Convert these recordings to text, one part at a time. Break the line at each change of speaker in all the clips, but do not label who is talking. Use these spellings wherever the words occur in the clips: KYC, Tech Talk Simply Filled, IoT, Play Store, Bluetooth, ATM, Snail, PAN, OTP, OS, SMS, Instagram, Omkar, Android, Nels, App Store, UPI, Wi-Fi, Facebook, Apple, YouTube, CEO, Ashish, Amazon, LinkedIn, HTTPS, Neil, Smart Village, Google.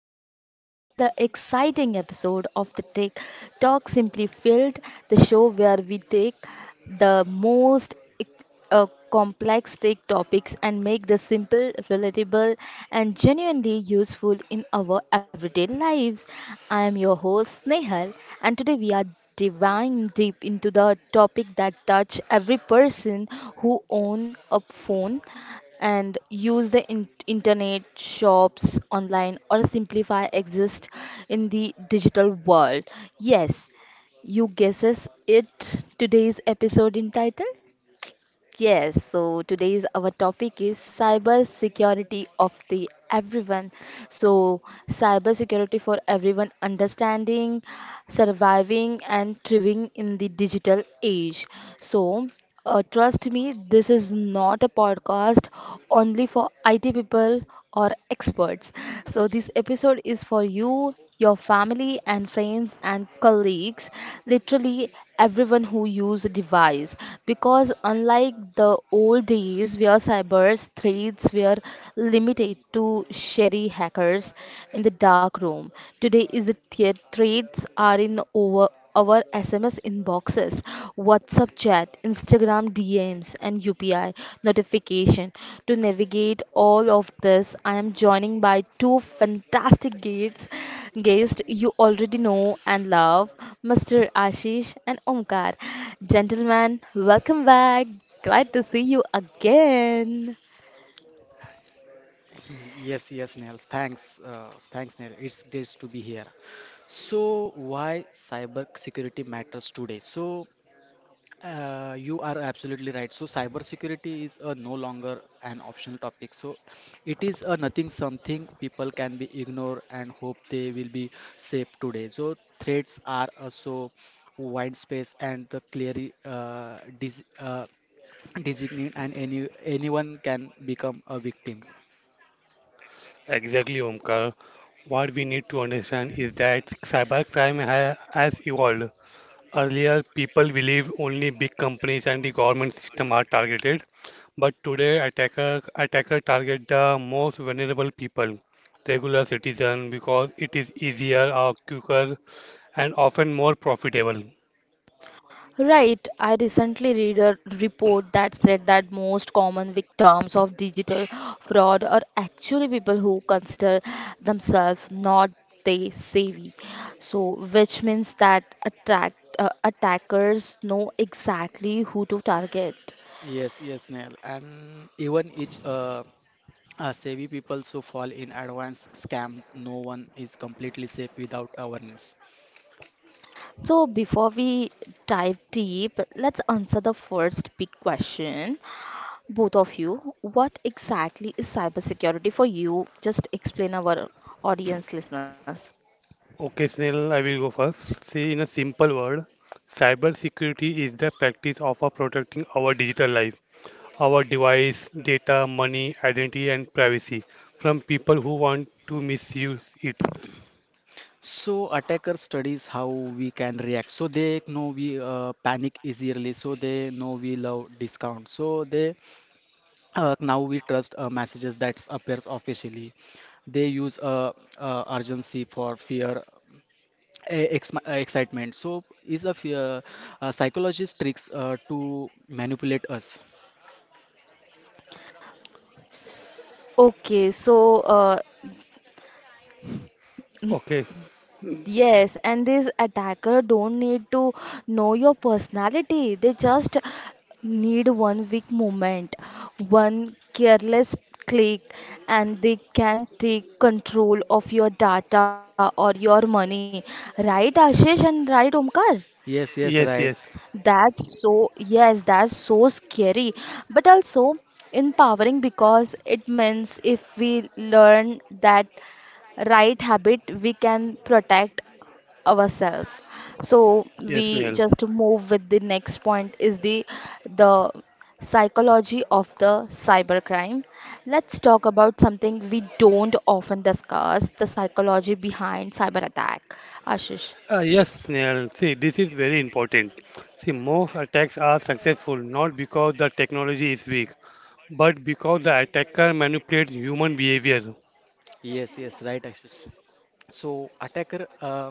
welcome back to another exciting episode of the Tech Talk Simply Filled, the show where we take the most complex tech topics and make them simple, relatable, and genuinely useful in our everyday lives. I am your host, Snehal, and today we are diving deep into the topic that touch every person who own a phone and use the internet shops online or simplify exist in the digital world. Yes, you guesses it. Today's episode entitled. Yes, so today's our topic is cyber security of the everyone. So cyber security for everyone, understanding, surviving and thriving in the digital age. So trust me, this is not a podcast only for IT people or experts. So this episode is for you, your family and friends and colleagues, literally everyone who use a device. Because unlike the old days where cyber threats were limited to shady hackers in the dark room, today is the threats are in over our SMS inboxes, WhatsApp chat, Instagram DMs, and UPI notification. To navigate all of this, I am joining by two fantastic guests, guests you already know and love, Mr. Ashish and Omkar. Gentlemen, welcome back. Glad to see you again.
Yes, yes, Nels. Thanks, thanks, Nels. It's great to be here. So, why cyber security matters today? So, you are absolutely right. So, cyber security is no longer an optional topic. So, it is a nothing something people can be ignore and hope they will be safe today. So, threats are so wide space and the clearly dis designate and anyone can become a victim.
Exactly, Omkar. What we need to understand is that cybercrime ha has evolved. Earlier, people believed only big companies and the government system are targeted, but today attacker target the most vulnerable people, regular citizen, because it is easier or quicker and often more profitable.
Right, I recently read a report that said that most common victims of digital fraud are actually people who consider themselves not tech savvy. So, which means that attackers know exactly who to target.
Yes, yes, Neil. And even each savvy people so fall in advanced scam, no one is completely safe without awareness.
So, before we dive deep, let's answer the first big question. Both of you, what exactly is cybersecurity for you? Just explain our audience listeners.
Okay, Snehal, I will go first. See, in a simple word, cybersecurity is the practice of our protecting our digital life, our device, data, money, identity, and privacy from people who want to misuse it.
So attacker studies how we can react. So they know we panic easily. So they know we love discount. So they now we trust messages that appears officially. They use urgency for fear e- excitement so is a fear psychologist tricks to manipulate us.
Okay,
Okay.
yes, and this attacker don't need to know your personality. They just need one weak moment, one careless click, and they can take control of your data or your money. Right, Ashish and right, Omkar?
Yes, yes,
Yes,
right.
yes.
Yes, that's so scary, but also empowering because it means if we learn that right habit, we can protect ourselves. So
Yes,
we
Snehal.
just move with the next point is the psychology of the cybercrime. Let's talk about something we don't often discuss, the psychology behind cyber attack. Ashish.
Yes, Snehal. See, this is very important. See, most attacks are successful not because the technology is weak, but because the attacker manipulates human behavior.
Yes, yes, right, Ashish. So attacker, uh,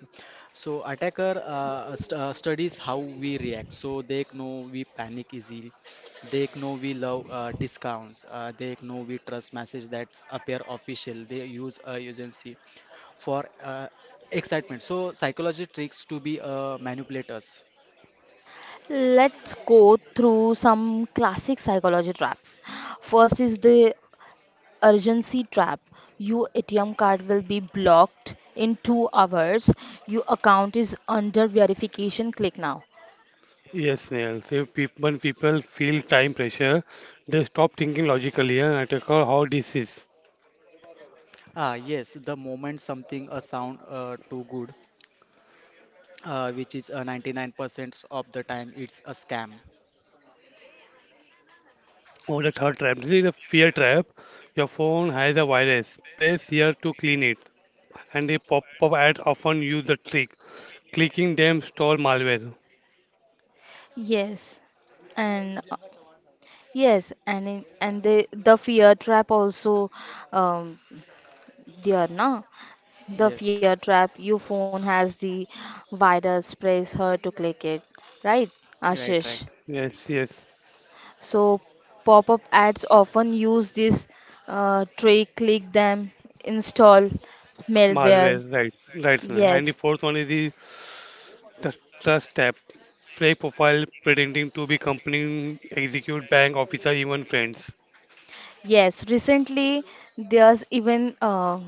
so attacker st studies how we react. So they know we panic easily. They know we love discounts. They know we trust message that's appear official. They use agency for excitement. So psychology tricks to be manipulators.
Let's go through some classic psychology traps. First is the urgency trap. Your ATM card will be blocked in 2 hours. Your account is under verification. Click now.
Yes, Nails. If people, when people feel time pressure, they stop thinking logically and attack how this is.
Ah, yes, the moment something a sound too good, which is 99% of the time, it's a scam.
Or the third trap. This is a fear trap. Your phone has a virus. Press here to clean it. And the pop-up ads often use the trick. Clicking them store malware.
Yes, and yes, and the fear trap also, um, there na. The
Yes.
fear trap. Your phone has the virus. Press her to click it. Right,
Right, right.
Ashish?
Yes, yes.
So, pop up ads often use this trick click them, install malware.
Malware. Right. Right, Snail. And the
Yes,
fourth one is the tr- trust tab. Fake profile pretending to be company, execute, bank, officer, even friends.
yes. Recently, there's even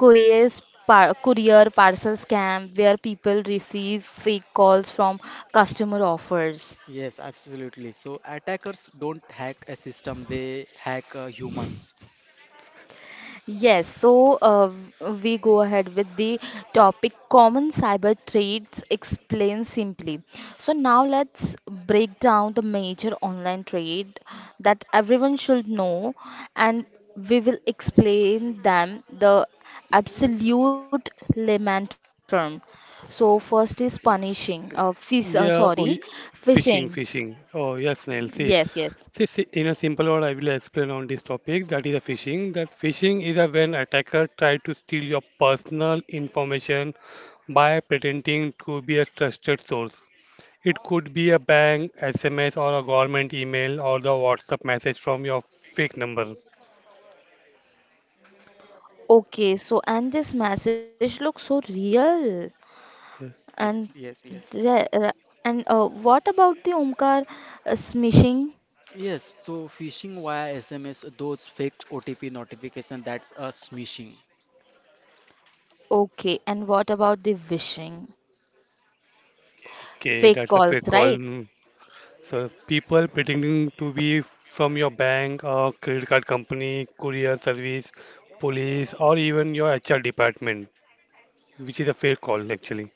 couriers courier parcel scam where people receive fake calls from customer offers.
Yes, absolutely. So attackers don't hack a system, they hack humans.
Yes, so we go ahead with the topic common cyber trades explained simply. So now let's break down the major online trade that everyone should know and we will explain them the absolute layman term. So first is sorry,
Yeah, oh, y-
phishing.
fishing, fishing. Oh, yes, Neil.
Yes,
See,
yes.
in a simple word, I will explain on this topic. That is a phishing. That phishing is a when attacker try to steal your personal information by pretending to be a trusted source. It could be a bank, SMS, or a government email, or the WhatsApp message from your fake number.
Okay, so and this message looks so real. And
Yes, yes, yes.
the- uh, what about the Omkar, smishing?
Yes, so phishing via SMS, those fake OTP notification, that's a smishing.
Okay. And what about the wishing?
Okay, that's a
Fake
fake
calls,
call.
right?
Hmm. So people pretending to be from your bank or credit card company, courier service, police, or even your HR department, which is a fair call actually.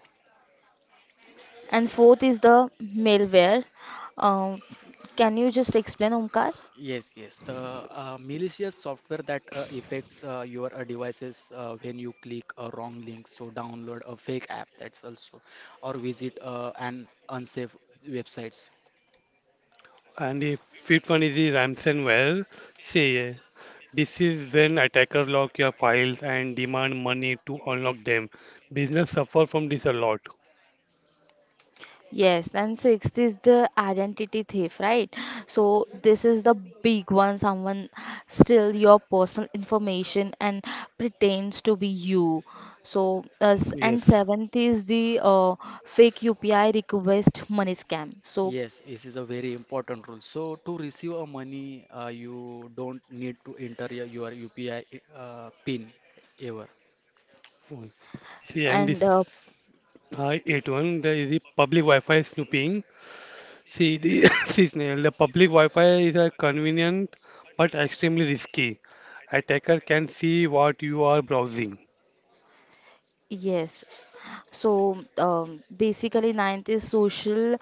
And fourth is the malware. Um,
Y-
can you just explain, Omkar?
Yes, yes, the malicious software that affects your devices when you click a wrong link. So download a fake app, that's also, or visit an unsafe websites.
And the fifth one is the ransomware. Say, this is when attackers lock your files and demand money to unlock them. Business suffer from this a lot.
Yes, and sixth is the identity thief, right? So this is the big one. Someone steal your personal information and pretends to be you. So s- and
Yes.
seventh is the fake UPI request money scam. So
Yes, this is a very important rule. So to receive a money, you don't need to enter your UPI pin ever.
See,
and
and this 81 there is the public Wi-Fi snooping. See, see Snehal, the public Wi-Fi is a convenient but extremely risky. Attacker can see what you are browsing.
Yes, basically ninth is social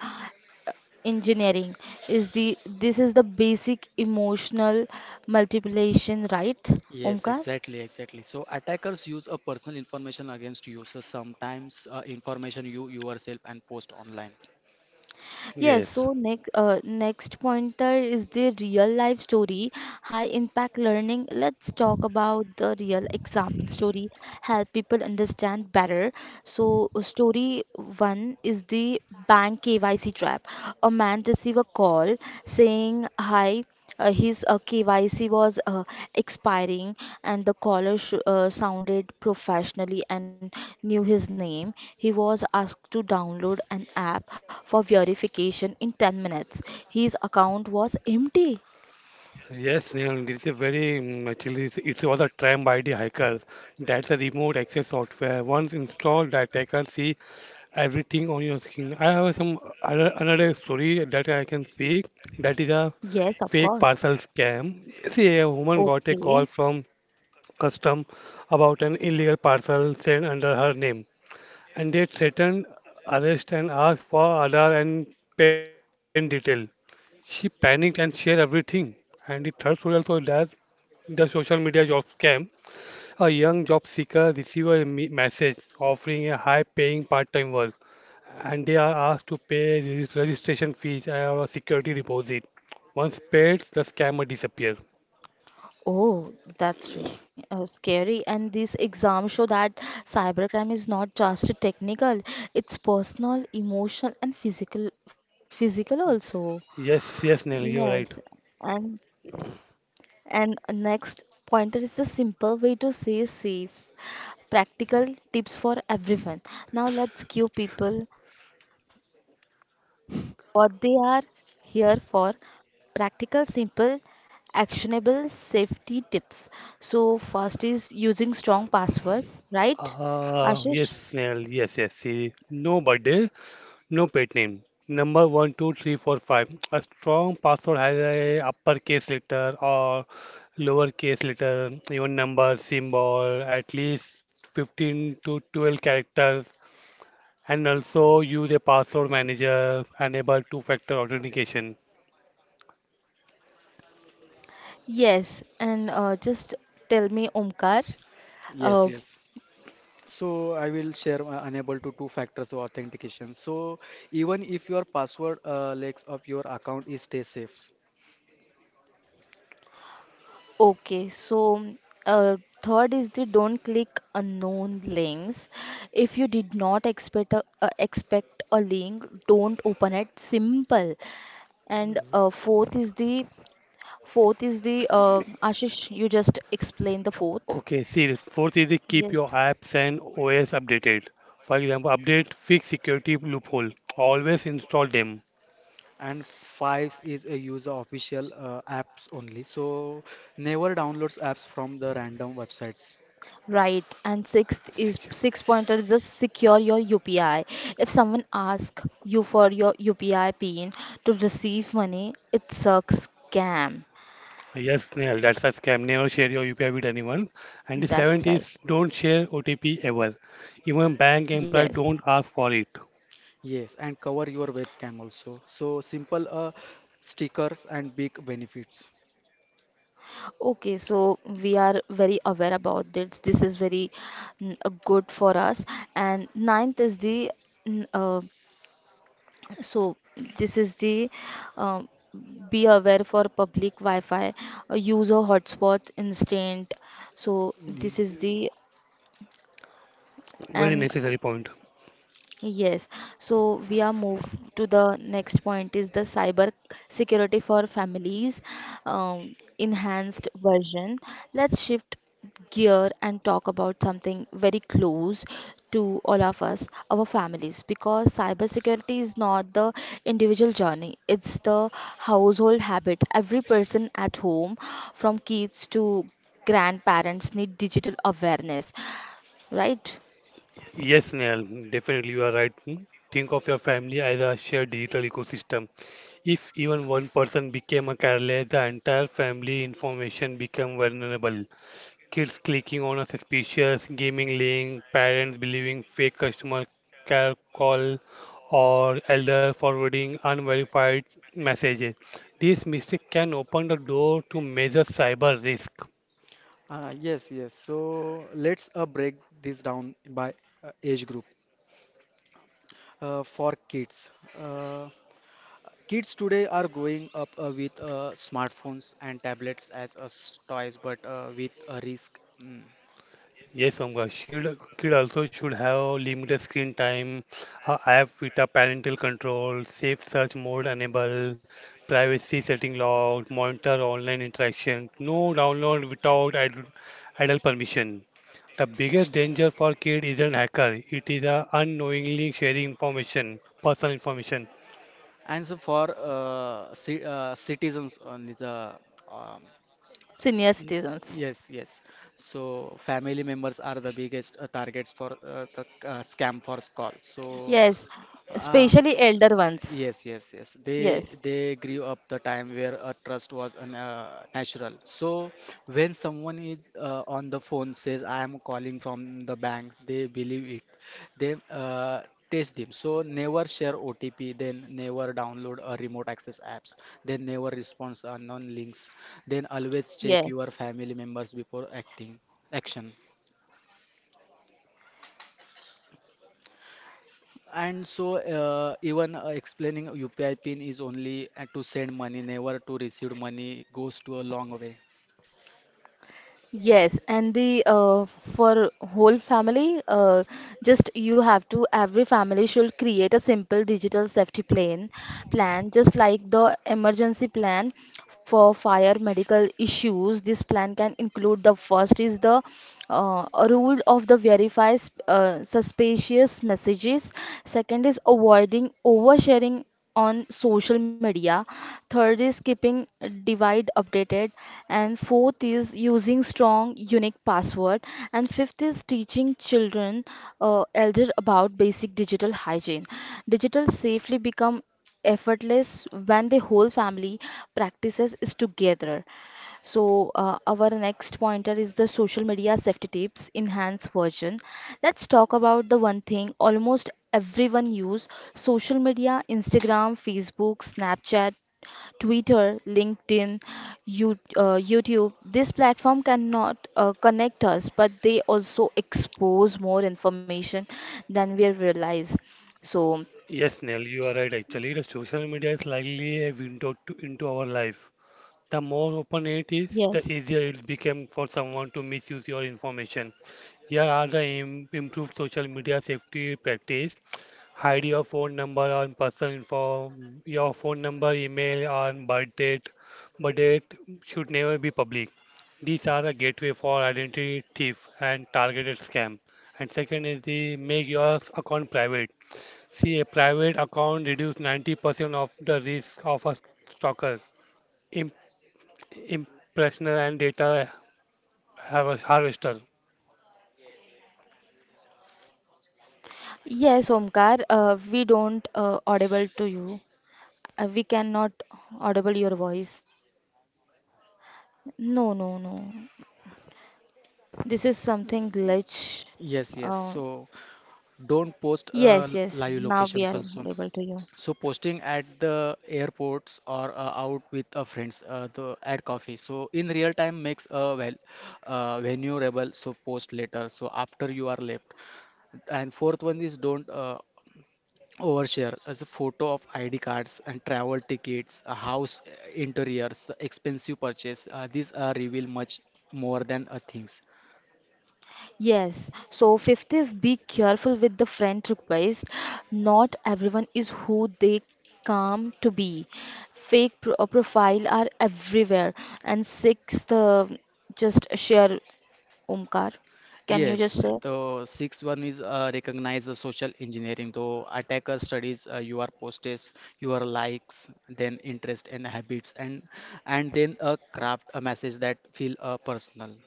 engineering. Is the this is the basic emotional multiplication, right,
Yes,
Omkar?
exactly, exactly. So attackers use a personal information against you. So sometimes information you yourself and post online.
Yes,
Yes.
so next pointer is the real life story, high impact learning. Let's talk about the real example story, help people understand better. So story one is the bank KYC trap. A man receive a call saying, "Hi." His KYC was expiring, and the caller sounded professionally and knew his name. He was asked to download an app for verification in 10 minutes. His account was empty.
Yes, Snehal, this is very actually it was a tram by the hackers. That's a remote access software. Once installed, the attacker see everything on your screen. I have another story that I can speak. That is a
Yes, of
fake parcel
course.
scam. See, a woman got a call
Okay.
from custom about an illegal parcel sent under her name, and they threatened arrest and asked for Aadhaar and PAN detail. She panicked and shared everything. And the third story also is that the social media job scam. A young job seeker receives a message offering a high-paying part-time work, and they are asked to pay registration fees and a security deposit. Once paid, the scammer disappears.
Oh, that's scary. And these exams show that cybercrime is not just technical, it's personal, emotional, and physical also.
Yes, yes, Nelly, you're right.
Yes. And And next pointer is the simple way to stay safe. Practical tips for everyone. Now let's give people what they are here for. Practical, simple, actionable safety tips. So first is using strong password, right?
Yes,
Ashish?
Snell. Yes, yes. See, no birthday, no pet name. Number one, two, three, four, five. A strong password has a uppercase letter or lowercase letter, even number, symbol, at least 15 to 12 characters, and also use a password manager, enable two-factor authentication.
Yes, and just tell me, Omkar.
Yes,
uh,
yes. So I will share unable to two factors of authentication. So even if your password legs of your account is stay safe.
Okay, so uh, third is the don't click unknown links. If you did not expect a link, don't open it. Simple. And fourth is the Ashish, you just explain the fourth.
Okay, see, fourth is the keep your apps and OS updated. For example, update fix security loophole. Always install them.
And fives is a user official apps only. So never downloads apps from the random websites.
Right. And sixth is six pointer is the secure your UPI. If someone asks you for your UPI PIN to receive money, it's a scam.
Yes, Nehal, that's a scam. Never share your UPI with anyone. And the seventh
That's right.
is don't share OTP ever. Even bank
Yes.
employee don't ask for it.
Yes, and cover your webcam also. So simple stickers and big benefits.
Okay, so we are very aware about this. This is very good for us. And ninth is the, mm, uh, so this is the, um, be aware for public Wi-Fi, use a hotspot instant. So this is the,
Very
and
necessary point.
yes, so we are move to the next point is the cyber security for families, enhanced version. Let's shift gear and talk about something very close to all of us, our families, because cyber security is not the individual journey, it's the household habit. Every person at home, from kids to grandparents, need digital awareness, right?
Yes, Nehal, definitely you are right. Think of your family as a shared digital ecosystem. If even one person became a careless, the entire family information become vulnerable. Kids clicking on a suspicious gaming link, parents believing fake customer call, or elder forwarding unverified messages. This mistake can open the door to major cyber risk.
Yes, yes. So let's break this down by age group. For kids, uh, kids today are growing up with smartphones and tablets as toys, but with a risk. Mm.
Yes, Omga. Should kid also should have limited screen time, a app with a parental control, safe search mode enable, privacy setting locked, monitor online interaction, no download without ad adult permission. The biggest danger for kid isn't hacker. It is a unknowingly sharing information, personal information.
And so for ci citizens only the um,
Senior
yes,
citizens.
yes, yes, so family members are the biggest targets for the scam for call so
Yes,
uh,
especially elder ones.
Yes, yes, yes. They
Yes,
they grew up the time where a trust was natural. So when someone is on the phone says I am calling from the banks, they believe it. They test them. So never share OTP. Then never download a remote access apps. Then never respond unknown links. Then always check
yes,
your family members before acting action. And so, even explaining UPI pin is only to send money, never to receive money, goes to a long way.
yes. And the for whole family, just you have to every family should create a simple digital safety plan, just like the emergency plan for fire medical issues. This plan can include the first is the a rule of the verify suspicious messages. Second is avoiding oversharing on social media. Third is keeping divide updated. And fourth is using strong, unique password. And fifth is teaching children, elder about basic digital hygiene. Digital safely become effortless when the whole family practices is together. So our next pointer is the social media safety tips enhanced version. Let's talk about the one thing almost everyone use social media: Instagram, Facebook, Snapchat, Twitter, LinkedIn, you, YouTube. This platform cannot connect us, but they also expose more information than we realize. So,
Yes, Neil, you are right. Actually, the social media is likely a window into our life. The more open it is, the
yes.
easier it becomes for someone to misuse your information. Here are the improved social media safety practice. Hide your phone number and personal info. Your phone number, email, and birth date. Birth date should never be public. These are a gateway for identity thief and targeted scam. And second is the make your account private. See, a private account reduce 90% of the risk of a stalker. Impressioner and data harvester.
Yes, Omkar, we don't audible to you. We cannot audible your voice. No, no, no. This is something glitch.
Yes, yes.
Uh,
So, don't post
yes, yes.
live
Now we
locations
are
also.
audible to you.
So, posting at the airports or out with friends at coffee. So, in real time makes a well vulnerable. So, post later. So, after you are left. And fourth one is don't overshare as a photo of ID cards and travel tickets, a house interiors, expensive purchase. These reveal much more than things.
Yes, so fifth is be careful with the friend request. Not everyone is who they come to be. Fake profile are everywhere. And sixth, just share, Omkar. Can you
Yes,
just share?
the sixth one is recognize the social engineering. Though attacker studies your posts, your likes, then interest and habits, and then craft a message that feel personal.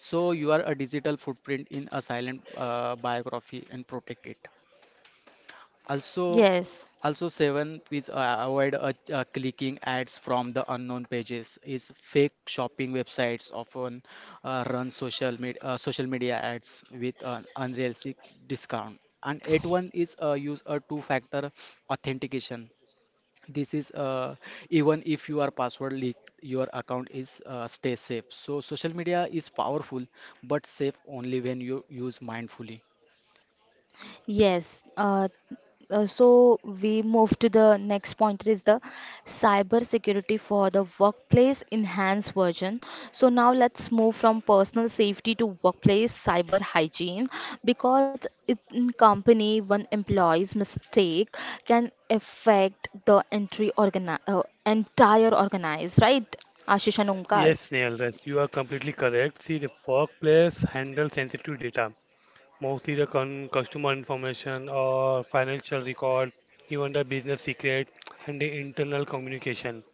So you are a digital footprint in a silent biography and protect it. Also,
Yes.
also seven, is avoid clicking ads from the unknown pages. Is fake shopping websites often run social media ads with an unrealistic discount. And eight one is use a two-factor authentication. This is even if you are password leak, your account is stay safe. So social media is powerful, but safe only when you use mindfully.
Yes. So we move to the next point is the cyber security for the workplace enhanced version. So now let's move from personal safety to workplace cyber hygiene because in company one employee's mistake can affect the entire organize, right? Ashish and
Yes,
Omkar.
Snail, yes, you are completely correct. See, the workplace handles sensitive data, mostly the con customer information or financial record, even the business secret and the internal communication.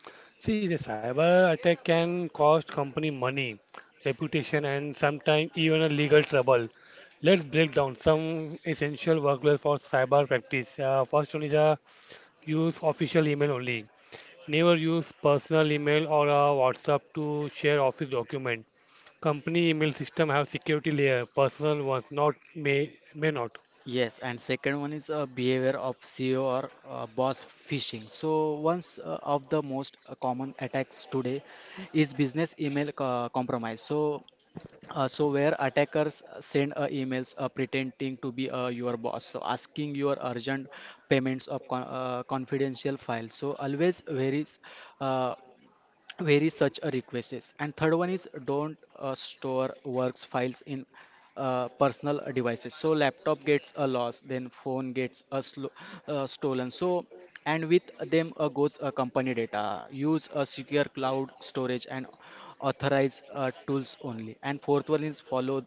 See, the cyber attack can cost company money, reputation, and sometimes even a legal trouble. Let's break down some essential workloads for cyber practice. First one is a use official email only. Never use personal email or a WhatsApp to share office document. Company email system have security layer. Personal ones not may not.
Yes, and second one is behavior of CEO or boss phishing. So once of the most common attacks today is business email compromise. So where attackers send emails pretending to be your boss, so asking your urgent payments of confidential files. So always varies uh, where is such a request is. And third one is don't store works files in personal devices so laptop gets a loss, then phone gets a stolen, so and with them goes a company data. Use a secure cloud storage and authorize tools only. And fourth one is follow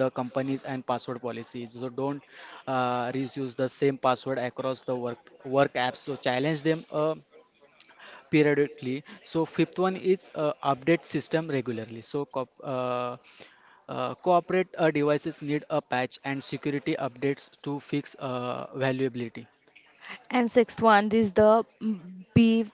the companies and password policy, so don't reuse the same password across the work apps, so challenge them periodically. So fifth one is update system regularly. So co corporate devices need a patch and security updates to fix vulnerability.
And sixth one is the be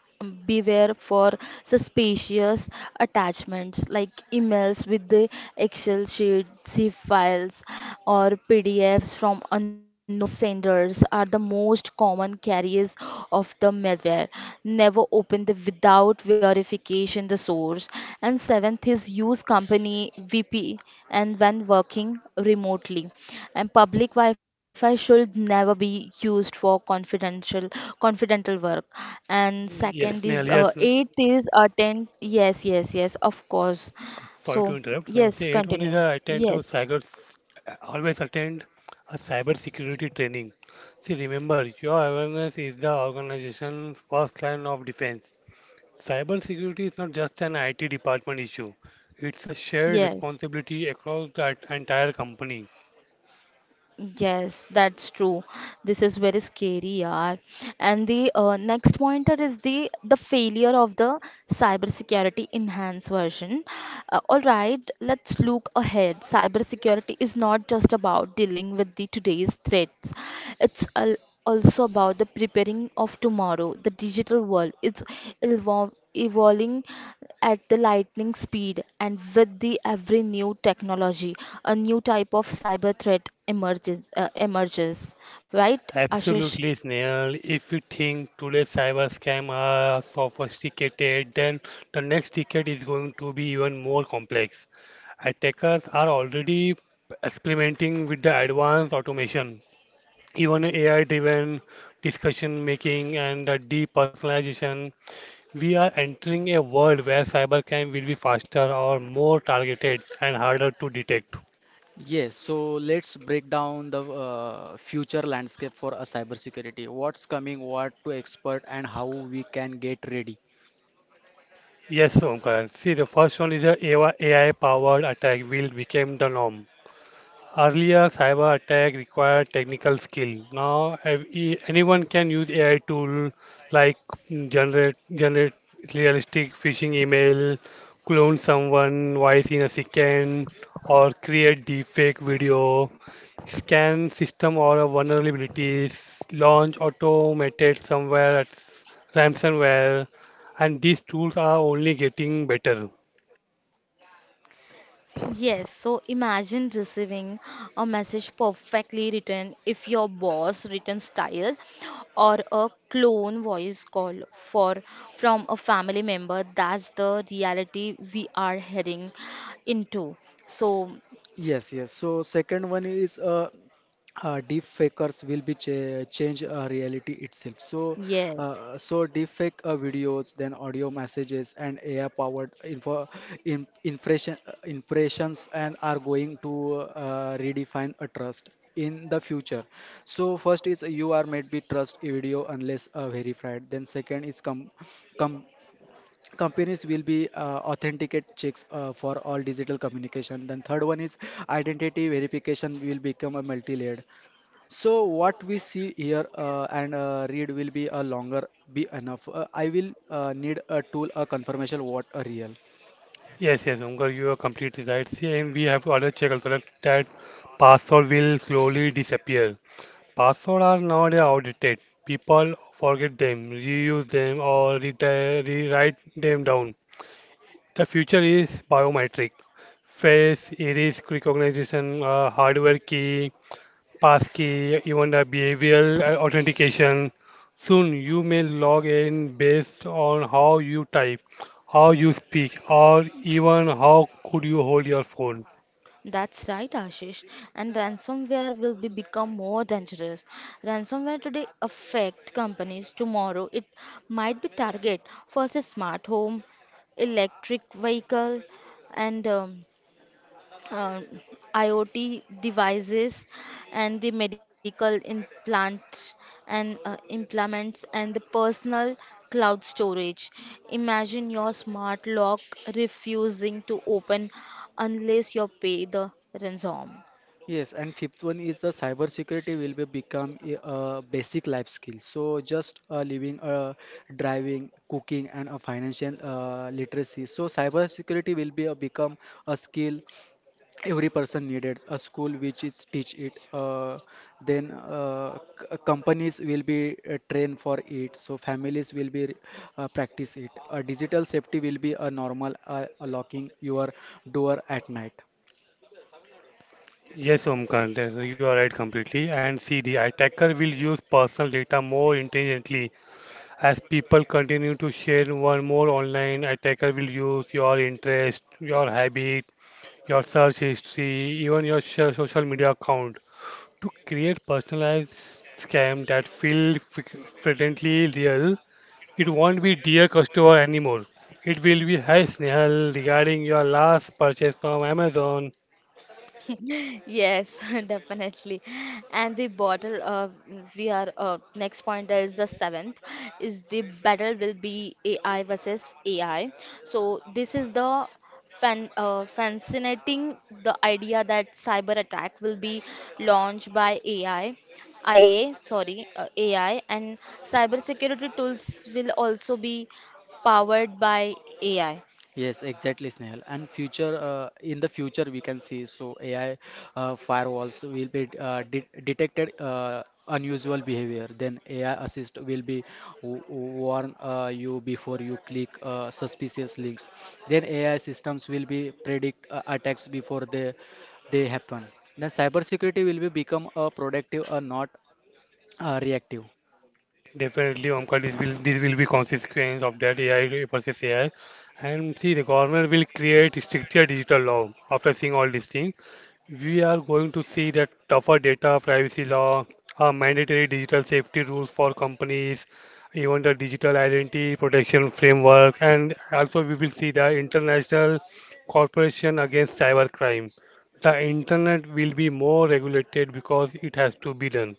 beware for suspicious attachments like emails with the Excel sheets, zip files, or PDFs from unknown senders are the most common carriers of the malware. Never open the without verification the source. And seventh is use company vp and when working remotely, and public wi-fi should never be used for confidential work. And
Yes,
second
Neil.
is eight is attend. Yes, yes, yes, of course.
Sorry to
So
interrupt. So, see,
yes,
81 is
continue.
attend to
Yes.
cyber. Always attend a cyber security training. See, remember your awareness is the organization's first line of defense. Cyber security is not just an IT department issue. It's a shared
yes
responsibility across the entire company.
Yes, that's true. This is very scary, yaar. And the next pointer is the failure of the cybersecurity enhanced version. All right, let's look ahead. Cybersecurity is not just about dealing with the today's threats. It's a also about the preparing of tomorrow. The digital world is evolving at the lightning speed, and with the every new technology, a new type of cyber threat emerges. Emerges, right, Ashish?
Absolutely, Snehal. If you think today's cyber scam are sophisticated, then the next decade is going to be even more complex. Attackers are already experimenting with the advanced automation, even AI-driven discussion making and the depersonalization. We are entering a world where cybercrime will be faster or more targeted and harder to detect.
Yes, so let's break down the future landscape for a cybersecurity. What's coming, what to expect, and how we can get ready.
Yes, Omkar. See, the first one is the AI-powered attack will become the norm. Earlier, cyber attack required technical skill. Now, anyone can use AI tool like generate realistic phishing email, clone someone voice in a second, or create deepfake video, scan system or vulnerabilities, launch automated somewhere at ransomware, and these tools are only getting better.
Yes, so imagine receiving a message perfectly written if your boss written style or a clone voice call for from a family member. That's the reality we are heading into. So,
Yes, yes. So second one is deep fakers will be change reality itself. So
yes.
deep fake videos, then audio messages and AI powered info in, impression impressions, and are going to redefine a trust in the future. So first is you are made be trust video unless verified. Then second is com companies will be authenticate checks for all digital communication. Then third one is identity verification will become a multi-layered, so what we see here and read will be a longer be enough. I will need a tool a confirmation what a real.
Yes, yes, Omkar, you are completely right. See, and we have to also check also that password will slowly disappear. Passwords are nowadays outdated. People forget them, reuse them, or rewrite them down. The future is biometric, face iris recognition, hardware key, passkey, even the behavioral authentication. Soon you may log in based on how you type, how you speak, or even how could you hold your phone.
That's right, Ashish. And ransomware will be become more dangerous. Ransomware today affect companies. Tomorrow, it might be target for a smart home, electric vehicle, and uh, IoT devices and the medical implant and implements and the personal cloud storage. Imagine your smart lock refusing to open unless you pay the ransom.
Yes, and fifth one is the cyber security will be become a basic life skill. So just living, driving, cooking, and a financial literacy. So cyber security will be a become a skill every person needed. A school which is teach it, then companies will be trained for it, so families will be practice it. Digital safety will be a normal, locking your door at night.
Yes, Omkar, you are right completely. And see, the attacker will use personal data more intelligently. As people continue to share one more online, attacker will use your interest, your habit, your search history, even your social media account to create personalized scam that feel friendly real. It won't be dear customer anymore. It will be hi Snehal regarding your last purchase from Amazon.
Yes, definitely. And the bottle of we are next point is the seventh is the battle will be AI versus AI. So this is the fascinating the idea that cyber attack will be launched by AI. AI and cybersecurity tools will also be powered by AI.
Yes, exactly, Snehal. And future, in the future, we can see so AI firewalls will be de detected unusual behavior. Then AI assist will be warn you before you click suspicious links. Then AI systems will be predict attacks before they happen. Then cybersecurity will be become a productive or not reactive.
Definitely, Omkar, this will be consequence of that AI versus AI. And see, the government will create stricter digital law after seeing all these things. We are going to see that tougher data privacy law, mandatory digital safety rules for companies, even the digital identity protection framework, and also we will see the international cooperation against cybercrime. The internet will be more regulated because it has to be done.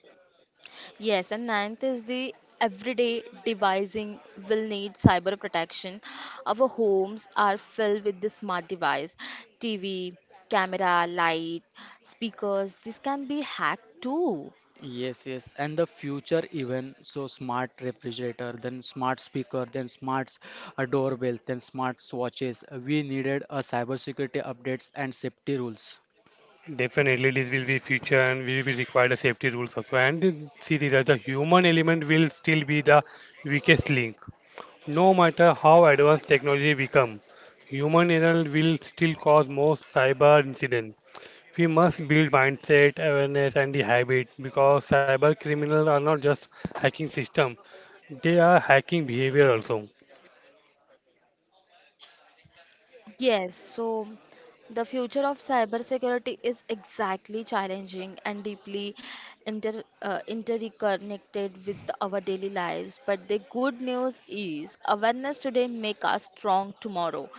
Yes, and ninth is the everyday devising will need cyber protection. Our homes are filled with the smart device, TV, camera, light, speakers. This can be hacked too.
Yes, yes, and the future even so smart refrigerator, then smart speaker, then smart doorbell, then smart watches. We needed a cybersecurity updates and safety rules.
Definitely, this will be future, and we will require the safety rules also. And see, that the human element will still be the weakest link. No matter how advanced technology become, human error will still cause most cyber incidents. We must build mindset, awareness, and the habit because cyber criminals are not just hacking system; they are hacking behavior also.
Yes, so the future of cybersecurity is exactly challenging and deeply interconnected with our daily lives. But the good news is awareness today make us strong tomorrow.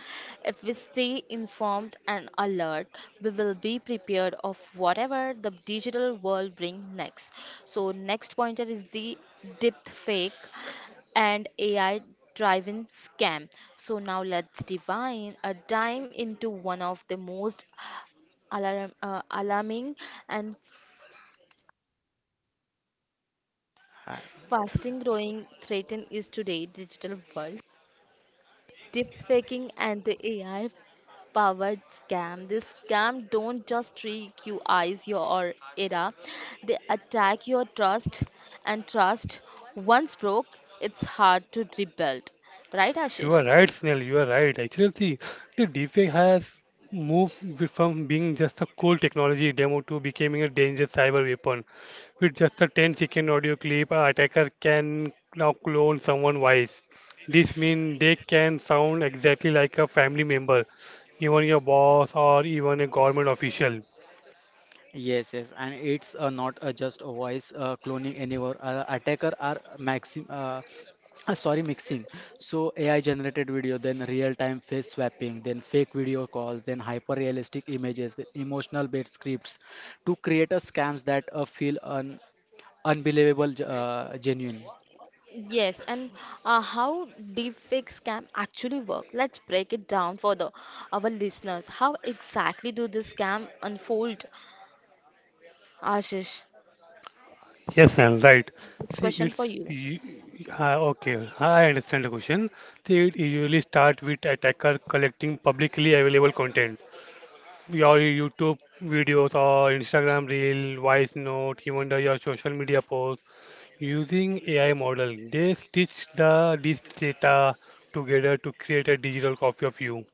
If we stay informed and alert, we will be prepared of whatever the digital world bring next. So next pointer is the deep fake and AI drive-in scam. So now let's divine a dime into one of the most alarming and fasting growing threat is today digital world. Deepfaking and the AI powered scam. This scam don't just trick you eyes your era. They attack your trust and trust once broke, it's hard to rebuild. Right,
You are
Ashish?
right, Snell. You are right. Actually, see, the deepfake has moved from being just a cool technology demo to becoming a dangerous cyber weapon. With just a 10-second audio clip, an attacker can now clone someone voice. This means they can sound exactly like a family member, even your boss or even a government official.
Yes, yes, and it's not just a voice cloning anymore. Attacker are mixing. So AI generated video, then real-time face swapping, then fake video calls, then hyper-realistic images, then emotional-based scripts to create a scams that feel un unbelievable, genuine.
Yes, and how deepfakes can actually work? Let's break it down for the our listeners. How exactly do this scam unfold, Ashish?
Yes, and right.
This
See,
question for you.
okay. I understand the question. See, it usually start with attacker collecting publicly available content, your YouTube videos or Instagram reel, voice note, even your social media post. Using AI model, they stitch the this data together to create a digital copy of you.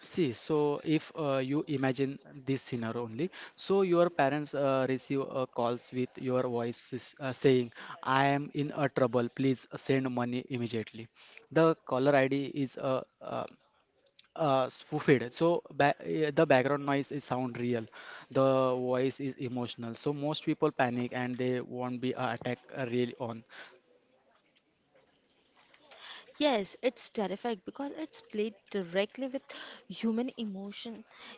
See, so if you imagine this scenario only, so your parents receive calls with your voice is, saying, "I am in a trouble, please send money immediately." The caller ID is spoofed, so ba the background noise is sound real, the voice is emotional. So most people panic and they won't be attacked really on.
Yes, it's terrifying because it's played directly with human emotion,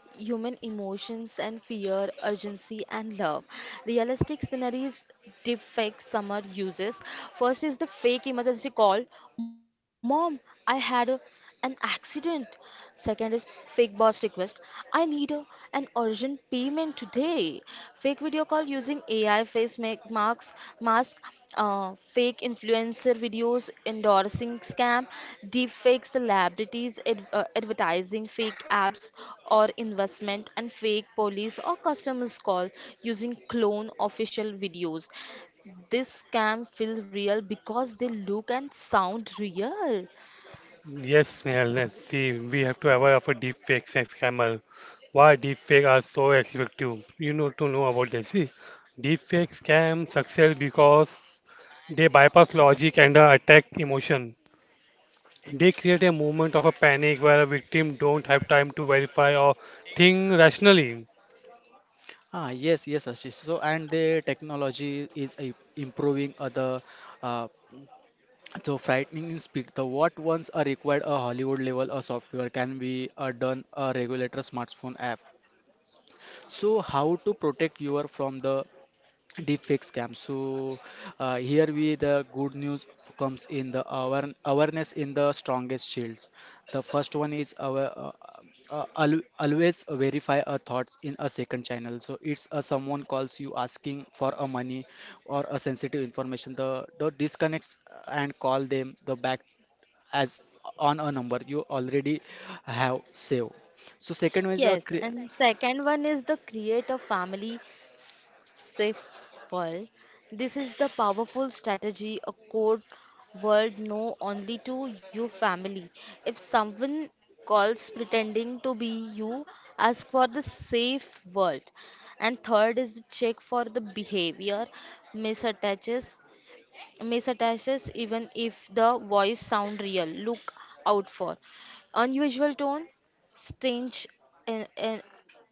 human emotions and fear, urgency and love. Realistic scenarios deepfake summer uses. First is the fake emergency call. Mom, I had a an accident. Second is fake boss request. I need an urgent payment today. Fake video call using AI face make marks, mask, fake influencer videos endorsing scam, deep fake celebrities advertising fake apps or investment, and fake police or customers call using clone official videos. This scam feel real because they look and sound real.
Yes, Snehal, let's see. We have to aware of a deep fakes and scammer. Why deep fake are so effective? You know to know about this. See, deep fake scam success because they bypass logic and attack emotion. They create a moment of a panic where a victim don't have time to verify or think rationally.
Ah, yes, yes, Ashish. So, and the technology is improving other uh, so frightening in speed. The what once a required a Hollywood level a software can be done a regulator smartphone app. So how to protect your from the deepfake scam? So here we the good news comes in the awareness in the strongest shields. The first one is our. Always verify our thoughts in a second channel, so it's someone calls you asking for a money or a sensitive information, the disconnects and call them the back as on a number you already have saved. So second one is a
Yes, and second one is the create a family s- safe world. This is the powerful strategy, a code word known only to your family. If someone calls pretending to be you, ask for the safe world. And third is the check for the behavior misattaches. Misattaches, even if the voice sound real, look out for unusual tone, strange in- in-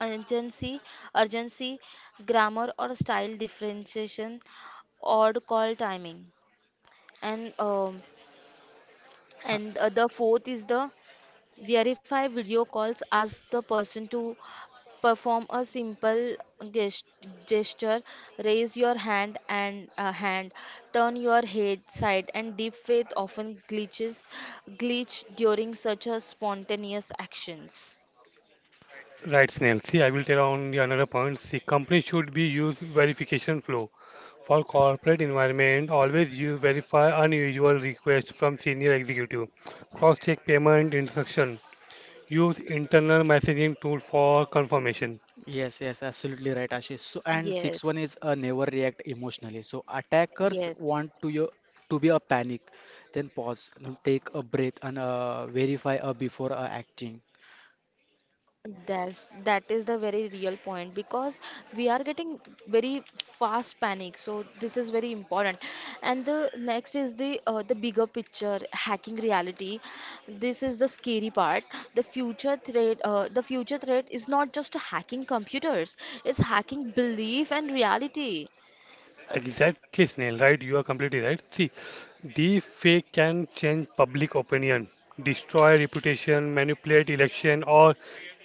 urgency, urgency grammar or style differentiation, odd call timing, and um,
ha-
and the fourth is the verify video calls. Ask the person to perform a simple gest- gesture, raise your hand and hand, turn your head side, and deep faith often glitch during such a spontaneous actions.
Right, Snail. See, I will tell on the another point. See, companies should be use verification flow. For corporate environment, always you verify unusual requests from senior executive. Cross-check payment instruction. Use internal messaging tool for confirmation.
yes, yes, absolutely right, Ashish. So and sixth
Yes,
one is a never react emotionally. So attackers
yes.
want to your to be a panic, then pause, then take a breath and verify before acting.
That is the very real point because we are getting very fast panic. So this is very important. And the next is the bigger picture, hacking reality. This is the scary part. The future threat is not just hacking computers. It's hacking belief and reality.
Exactly, Snail, right? You are completely right. See, deepfake can change public opinion, destroy reputation, manipulate election, or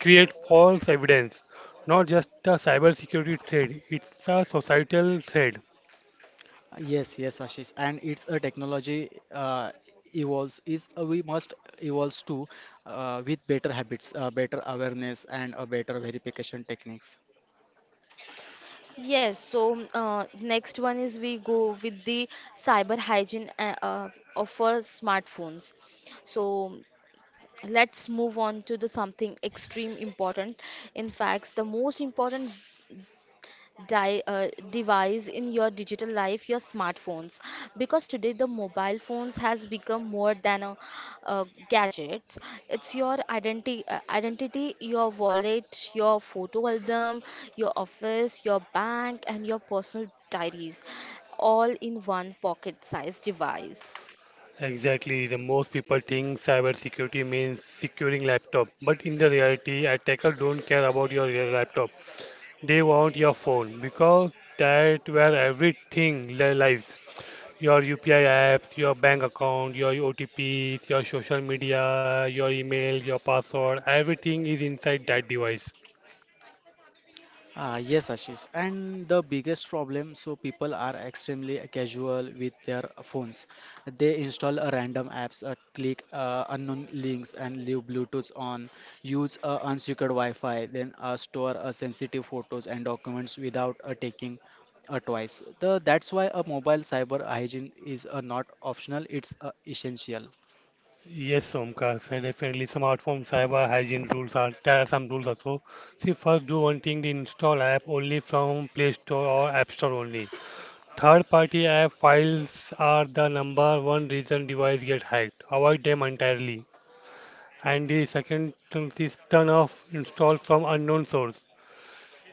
create false evidence. Not just a cybersecurity threat, it's a societal threat.
Yes, yes, Ashish, and it's a technology uh, evolves is we must evolves too with better habits, better awareness, and a better verification techniques.
Yes, so next one is we go with the cyber hygiene of our smartphones. So let's move on to the something extreme important, in fact the most important device in your digital life, your smartphones, because today the mobile phones has become more than a, uh, gadget. It's your identity, your wallet, your photo album, your office, your bank, and your personal diaries, all in one pocket sized device.
Exactly, the most people think cybersecurity means securing laptop, but in the reality, attacker don't care about your real laptop. They want your phone because that where everything lives. Your UPI apps, your bank account, your OTPs, your social media, your email, your password, everything is inside that device.
Yes, Ashish. And the biggest problem, so people are extremely casual with their phones. They install a random apps, click unknown links, and leave Bluetooth on. Use unsecured Wi-Fi, then store sensitive photos and documents without taking twice. That's why a mobile cyber hygiene is not optional; it's essential.
Yes, Omkar, and definitely smartphone cyber hygiene rules are there are some rules also. See, first do one thing: the install app only from Play Store or App Store only. Third-party app files are the number one reason device get hacked. Avoid them entirely. And the second thing is turn off install from unknown source.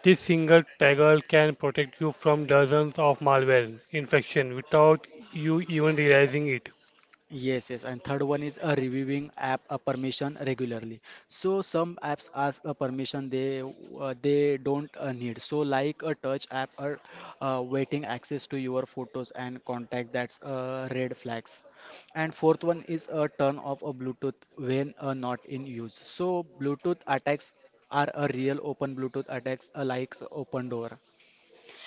This single toggle can protect you from dozens of malware infection without you even realizing it.
Yes, yes. And third one is a reviewing app a permission regularly. So some apps ask a permission they don't need. So like a touch app or waiting access to your photos and contact that's red flags. And fourth one is a turn off a Bluetooth when not in use. So Bluetooth attacks are a real open Bluetooth attacks like open door.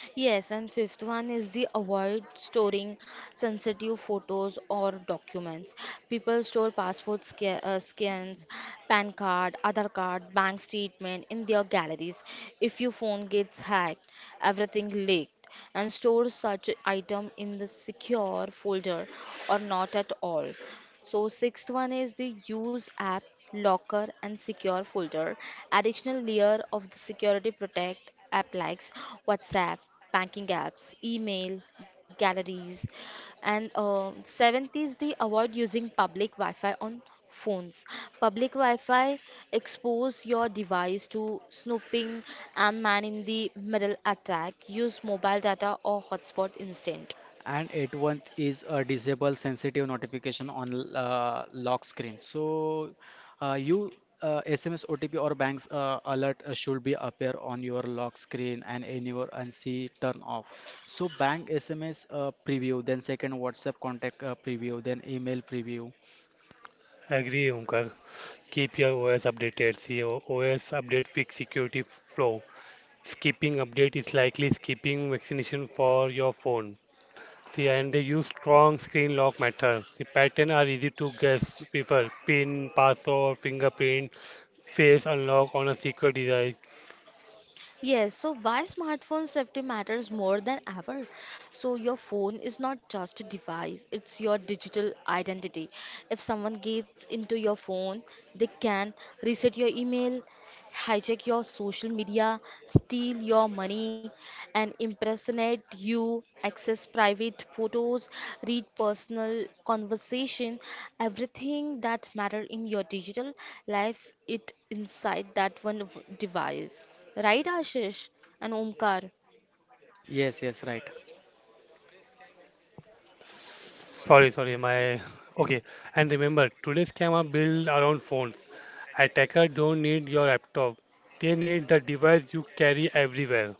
Yes, and fifth one is the avoid storing sensitive photos or documents. People store passport scans, PAN card, Aadhaar card, bank statement in their galleries. If your phone gets hacked, everything leaked, and store such item in the secure folder or not at all. So sixth one is the use app locker and secure folder. Additional layer of the security protect app likes WhatsApp, banking apps, email, galleries, and seventh is the avoid using public Wi-Fi on phones. Public Wi-Fi expose your device to snooping and man in the middle attack. Use mobile data or hotspot instead.
And it one is a disable sensitive notification on lock screen. So you sms otp or banks alert should be appear on your lock screen and in your unsee turn off. So bank sms preview, then second WhatsApp contact preview, then email preview.
Agree, Omkar. Keep your OS updated. See, OS update fix security flow. Skipping update is likely skipping vaccination for your phone. See, and they use strong screen lock method. The pattern are easy to guess. Prefer pin, password, fingerprint, face unlock on a secure device.
Yes, so why smartphone safety matters more than ever? So your phone is not just a device, it's your digital identity. If someone gets into your phone, they can reset your email, hijack your social media, steal your money, and impersonate you, access private photos, read personal conversation, everything that matter in your digital life, it inside that device. Right, Ashish and Omkar?
Yes, yes, right.
Sorry, sorry, my okay. And remember, today's scam are built around phones. Attacker don't need your laptop. They need the device you carry everywhere.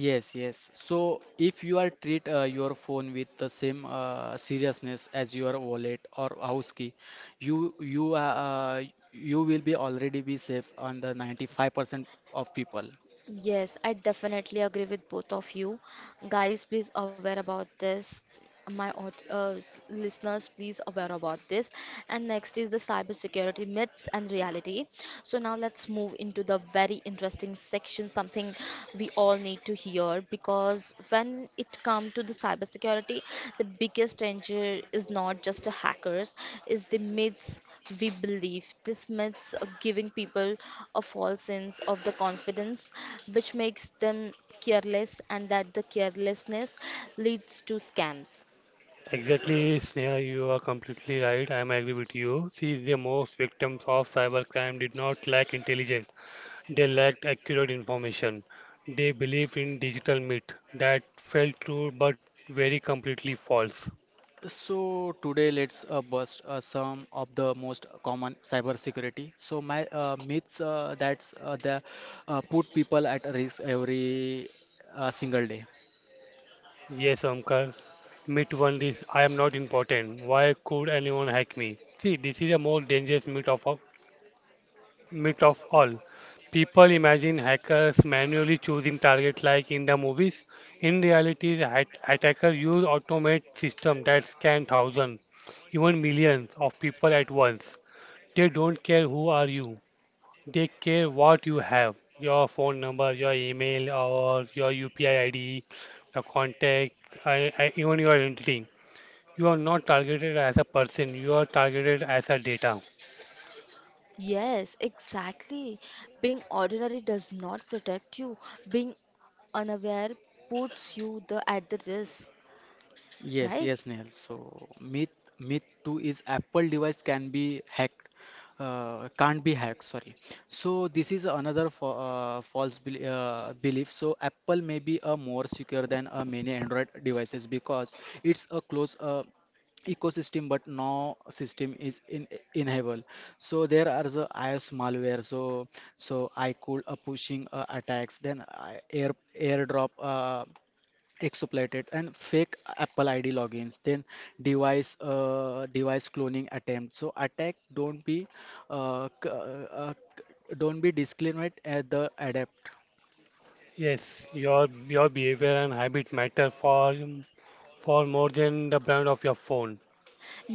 Yes, yes. So if you are treat your phone with the same seriousness as your wallet or house key, you you uh, uh, you will be already be safe on the 95% of people.
Yes, I definitely agree with both of you. Guys, please aware about this. My listeners, please aware about this. And next is the cybersecurity myths and reality. So now let's move into the very interesting section, something we all need to hear because when it comes to the cybersecurity, the biggest danger is not just the hackers, is the myths we believe. These myths are giving people a false sense of the confidence, which makes them careless, and that the carelessness leads to scams.
Exactly, Sneha, you are completely right. I am agree with you. See, the most victims of cybercrime did not lack intelligence. They lacked accurate information. They believed in digital myth that felt true but very completely false.
So today let's bust some of the most common cybersecurity. So my myths that's the put people at risk every single day.
Yes, Omkar. Myth one is I am not important. Why could anyone hack me? See, this is a more dangerous myth of all. People imagine hackers manually choosing targets like in the movies. In reality, the attacker use automate system that scan thousands, even millions of people at once. They don't care who are you. They care what you have, your phone number, your email, or your UPI ID, the contact, even your identity. You are not targeted as a person. You are targeted as a data.
Yes, exactly. Being ordinary does not protect you. Being unaware puts you the at the risk,
Yes, yes,
right?
Neil. So myth two is Apple device can be hacked, can't be hacked. Sorry. So this is another fa false belief. So Apple may be more secure than many Android devices because it's a close ecosystem, but no system is in enable. So there are the iOS malware. So so I could pushing attacks. Then I, air airdrop. Exfiltrated and fake Apple ID logins, then device cloning attempt. So attack don't be uh, c- uh, don't be disclaimed at the adept.
Yes, your behavior and habit matter for more than the brand of your phone.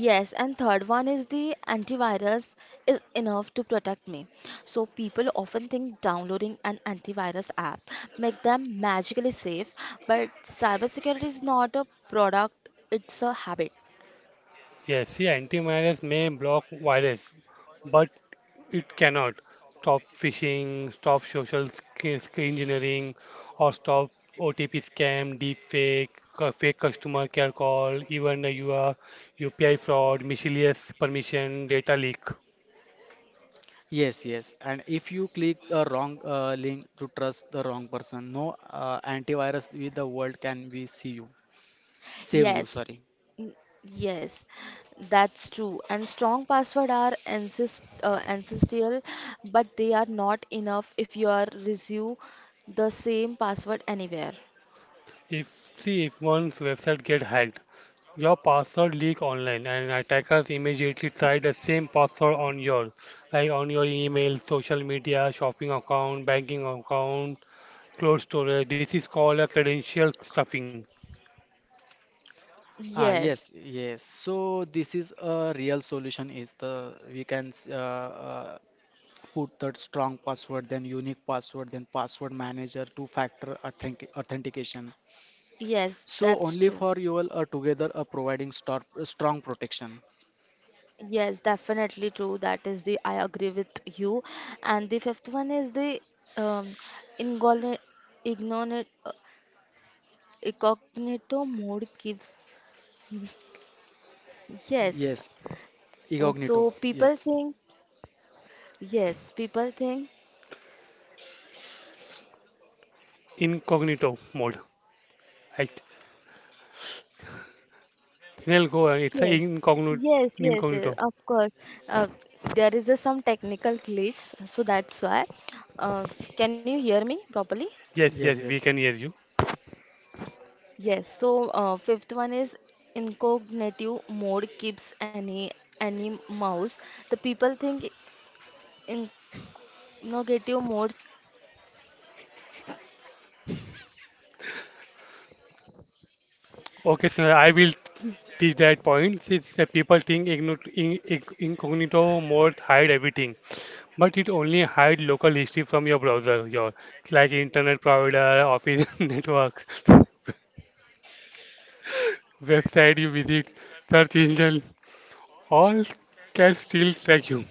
Yes, and third one is the antivirus is enough to protect me. So people often think downloading an antivirus app make them magically safe, but cybersecurity is not a product, it's a habit.
Yes, see, antivirus may block virus, but it cannot stop phishing, stop social engineering, or stop OTP scam, deepfake, fake customer care call, even the UPI fraud, miscellaneous permission, data leak.
Yes, yes. And if you click a wrong link to trust the wrong person, no antivirus with the world can we see you save you.
Yes.
Sorry.
n- Yes, that's true. And strong password are ancestral, but they are not enough if you are reuse the same password anywhere.
If see if one's website get hacked, your password leak online, and attackers immediately try the same password on your, like on your email, social media, shopping account, banking account, cloud storage. This is called a credential stuffing,
Ah, yes,
Yes,
yes. So this is a real solution is the put that strong password, then unique password, then password manager, two factor authentication,
yes,
so
that's
only
true.
for you all are together are providing strong protection.
Yes, definitely true. That is the I agree with you. And the fifth one is the um, ingol- ignoni- uh, incognito mode keeps. Yes.
Yes.
So
Incognito. Yes,
people think,
incognito mode. Right. Snell, go on. It's a
yes,
incognito.
yes, yes, yes,
Incognito.
of course. Uh, there is a, some technical glitch, so that's why. Uh, can you hear me properly?
Yes,
yes,
yes,
yes.
we can hear you.
Yes, so fifth one is incognito mode keeps any mouse. The people think incognito modes.
Okay, sir, I will teach that point. Since the people think incognito mode hide everything, but it only hide local history from your browser, your like internet provider, office network, website you visit, search engine, all can still track you.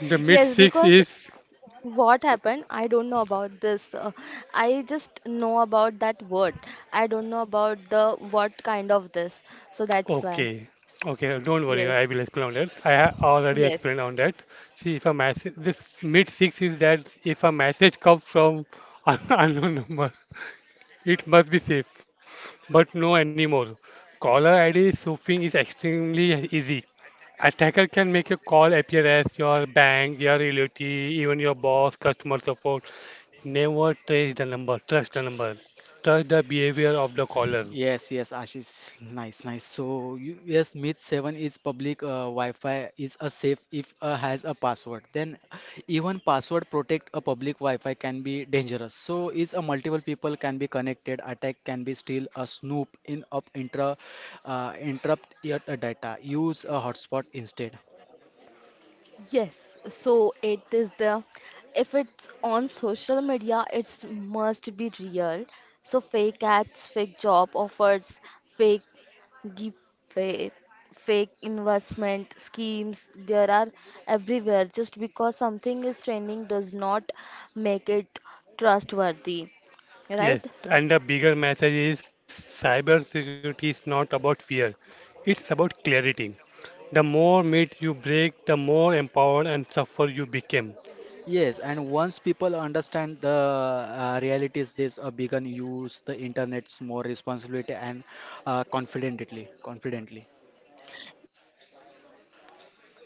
The mid
Yes,
six
because
is
what happened? I don't know about this. I just know about that word. I don't know about the what kind of this. So that's why.
okay. Okay, don't worry, I
Yes,
will explain on that. I have already
yes.
explained on that. See, if a message, this mid six is that if a message comes from an unknown number, it must be safe, but no anymore. Caller ID spoofing is extremely easy. Attacker can make your call appear as your bank, your relative, even your boss, customer support. Never trace the number. Trust the number. Trust the behavior of the caller.
Yes, yes, Ashish. Nice, nice. So, you, yes, Myth 7 is public. Wi-Fi is a safe if has a password. Then, even password protect a public Wi-Fi can be dangerous. So, is a multiple people can be connected. Attack can be still a snoop in up intra interrupt your data. Use a hotspot instead.
Yes, so it is the if it's on social media, it's must be real. So fake ads, fake job offers, fake give, fake investment schemes, there are everywhere. Just because something is trending does not make it trustworthy,
Yes,
right?
and the bigger message is cybersecurity is not about fear. It's about clarity. The more myths you break, the more empowered and suffer you become.
Yes, and once people understand the realities, this begun use the internet's more responsibility and confidently, confidently.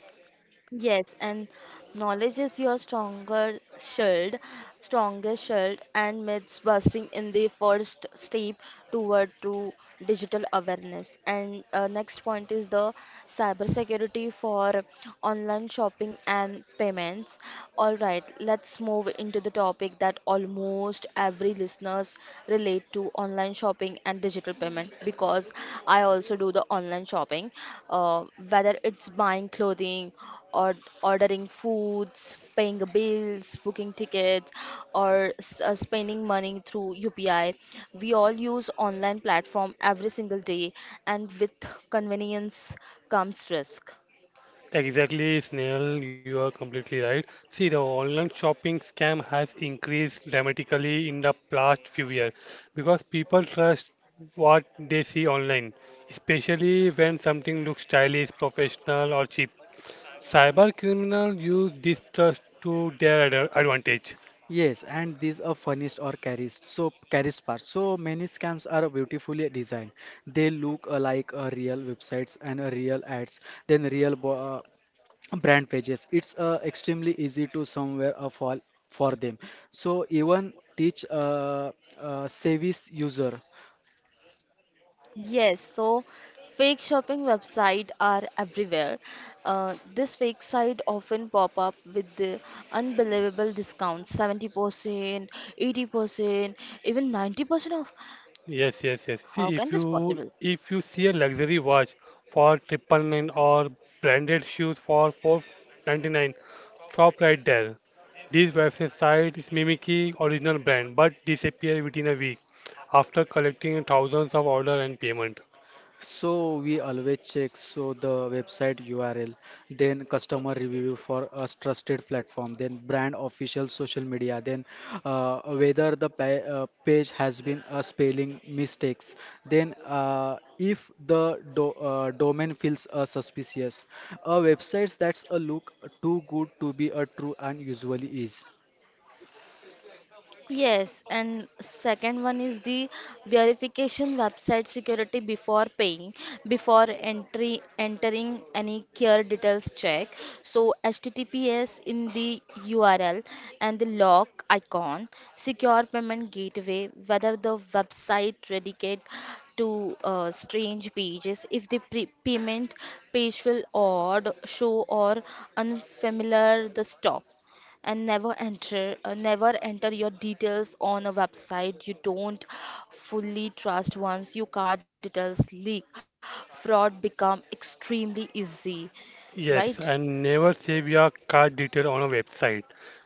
Yes, and knowledge is your stronger shield, strongest shield, and myths busting in the first step toward true digital awareness. And next point is the cybersecurity for online shopping and payments. All right, let's move into the topic that almost every listeners relate to online shopping and digital payment because I also do the online shopping, uh, whether it's buying clothing or ordering foods, paying bills, booking tickets, or spending money through UPI. We all use online platform every single day, and with convenience comes risk.
Exactly, Snail, you are completely right. See, the online shopping scam has increased dramatically in the past few years because people trust what they see online, especially when something looks stylish, professional, or cheap. Cyber criminals use this trust to their advantage.
Yes, and these are furnished or carriage, so carriage parts. So many scams are beautifully designed. They look like real websites and real ads, then brand pages. It's extremely easy to somewhere fall for them. So even teach service user.
Yes, so fake shopping websites are everywhere. This fake site often pop up with the unbelievable discounts, 70%, 80%, even 90% off.
Yes, yes, yes.
How
See,
can this possible?
if you see a luxury watch for triple nine or branded shoes for 499, stop right there. These website sites mimic the original brand but disappear within a week after collecting thousands of orders and payment.
So we always check so the website URL, then customer review for a trusted platform, then brand official social media, then whether the pa page has been spelling mistakes, then if the do domain feels suspicious, a website that's a look too good to be a true and usually is.
Yes, and second one is the verification website security before paying, before entry entering any care details check. So HTTPS in the URL and the lock icon, secure payment gateway, whether the website dedicate to strange pages, if the payment page will odd show or unfamiliar, the stop, and never enter, never enter your details on a website you don't fully trust. Once your card details leak, fraud become extremely easy,
Yes,
right?
and never save your card detail on a website.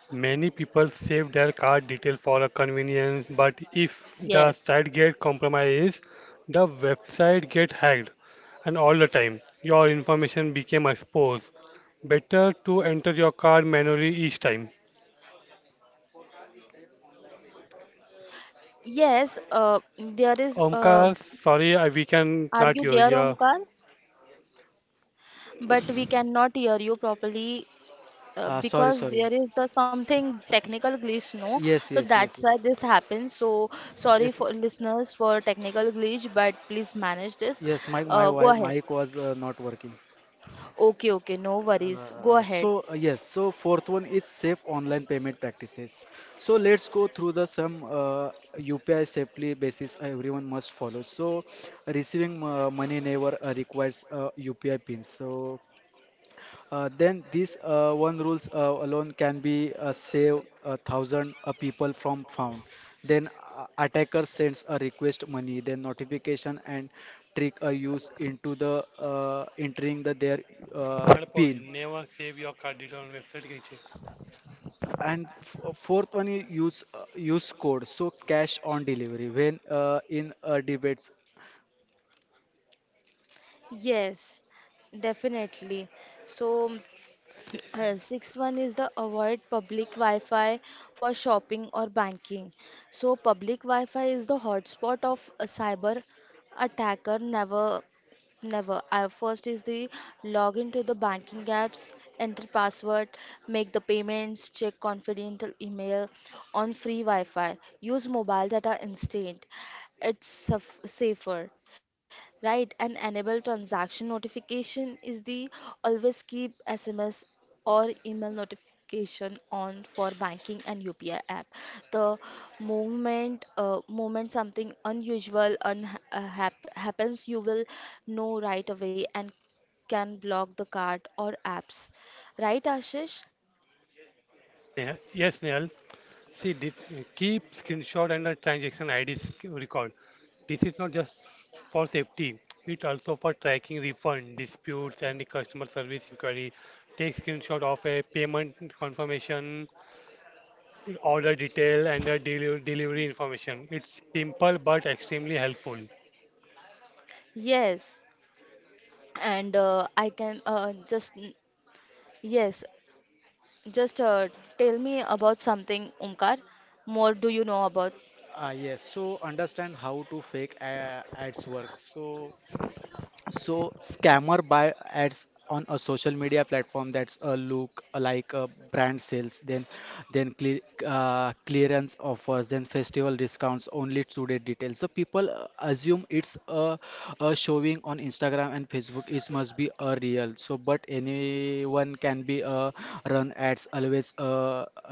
Many people save their card detail for a convenience, but if the
Yes,
site gets compromised, the website gets hacked, and all the time your information became exposed. Better to enter your card manually each time.
yes, there is
Omkar, sorry, we can
are
not
you
hear
there,
you.
Omkar? But we cannot hear you properly,
Sorry,
because
sorry.
there is the something technical glitch, no?
Yes,
So
yes, yes,
that's why
yes,
this happens. So sorry
yes,
for listeners for technical glitch, but please manage this.
yes.
Go ahead.
Mic was not working.
Okay, okay, no worries, go ahead.
Yes, so fourth one is safe online payment practices. So let's go through the some UPI safely basis everyone must follow. So receiving money never requires UPI pin. So then these one rules alone can be save a thousand people from found. Then attacker sends a request money, then notification and trick are used into the entering the their
Valid point.
pin.
Never save your card detail on website नीचे
And fourth one is use code so cash on delivery when in debates.
Yes, definitely. So
Se-
Sixth one is the avoid public Wi-Fi for shopping or banking. So public Wi-Fi is the hotspot of a cyber attacker. Never, never. First is the log into the banking apps, enter password, make the payments, check confidential email on free Wi-Fi. Use mobile data instead. It's safer. Right, and enable transaction notification is the always keep SMS or email notification on for banking and UPI app. The moment something unusual un hap happens, you will know right away and can block the card or apps. Right, Ashish?
Neha- Yes, Nehal. See, did, keep screenshot and the transaction IDs record. This is not just for safety. It also for tracking refund, disputes, and the customer service inquiry. Take screenshot of a payment confirmation, order detail, and the delivery information. It's simple but extremely helpful.
Yes, and I can just yes, just tell me about something, Omkar. More do you know about?
Ah, yes. So understand how to fake ads works. So So scammer buy ads on a social media platform that's a look like a brand sales, then then cle clearance offers, then festival discounts, only today details. So people assume a showing on Instagram and Facebook. It must be a real. So but anyone can be a run ads. Always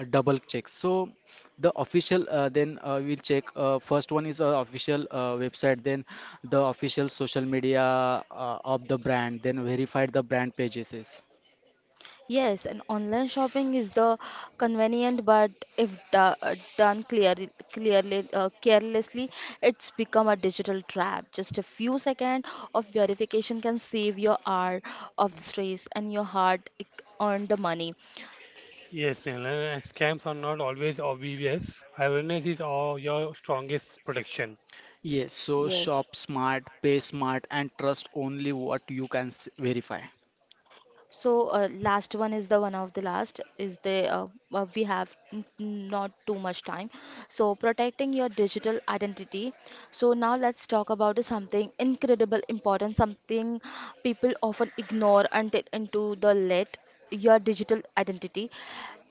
a double check. So the official then we'll check first one is official website, then the official social media of the brand, then verified the brand pages is.
Yes, and online shopping is the convenient, but if done carelessly, it's become a digital trap. Just a few seconds of verification can save your hour of the stress and your hard earned money.
Yes, Neil, and scams are not always obvious. Awareness is all your strongest protection.
Yes, so
Yes.
shop smart, pay smart, and trust only what you verify.
So last one is the one of the last is the we have not too much time. So protecting your digital identity. So now let's talk about something incredible important, something people often ignore until into the late your digital identity.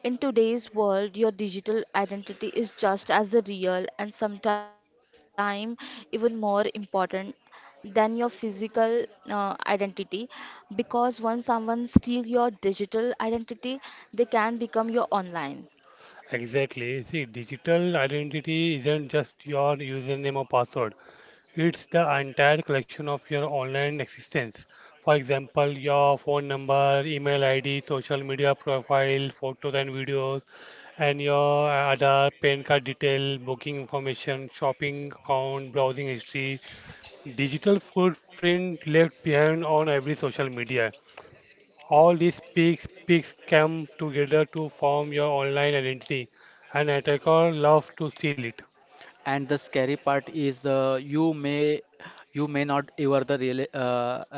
In today's world, your digital identity is just as real and sometimes even more important than your physical identity, because once someone steal your digital identity they can become your online.
Exactly. See, digital identity isn't just your username or password. It's the entire collection of your online existence. For example, your phone number, email ID, social media profile, photos and videos, and your other PAN card detail, booking information, shopping account, browsing history, digital footprint left behind on every social media. All these peaks come together to form your online identity, and attacker love to steal it.
And the scary part is the you may not ever the real, uh,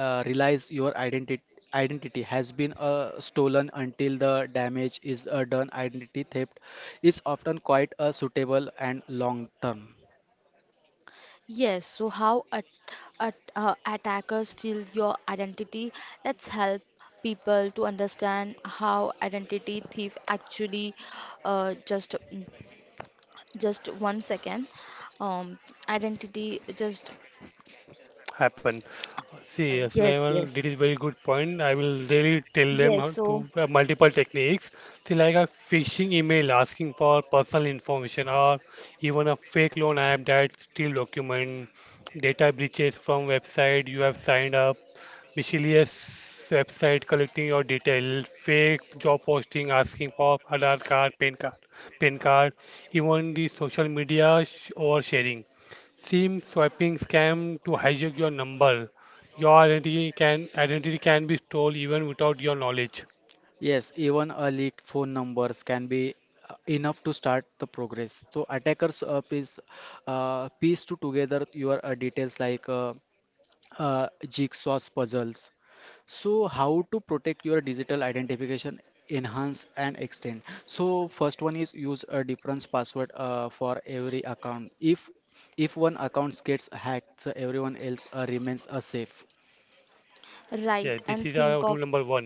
uh, realize your identity has been stolen until the damage is done. Identity theft is often quite a suitable and long term.
Yes, so how attackers steal your identity? Let's help people to understand how identity thief actually uh, just just 1 second. um, Identity just.
Happen. See, yes,
Yes,
Naval did
yes.
is very good point. I will really tell them
Yes,
how
so
to multiple techniques. See, like a phishing email asking for personal information, or even a fake loan app that steal document, data breaches from website you have signed up, miscellaneous website collecting your detail, fake job posting asking for Aadhaar card, PAN card, even the social media oversharing. SIM swapping scam to hijack your number. Your identity can be stolen even without your knowledge.
Yes, even a leaked phone numbers can be enough to start the progress. So attackers piece to together your details like jigsaw puzzles. So, how to protect your digital identification, enhance and extend. So, first one is use a different password for every account. If one account gets hacked, so everyone else remains safe.
Yeah, this
right,
is
and
rule
think
number
of
one.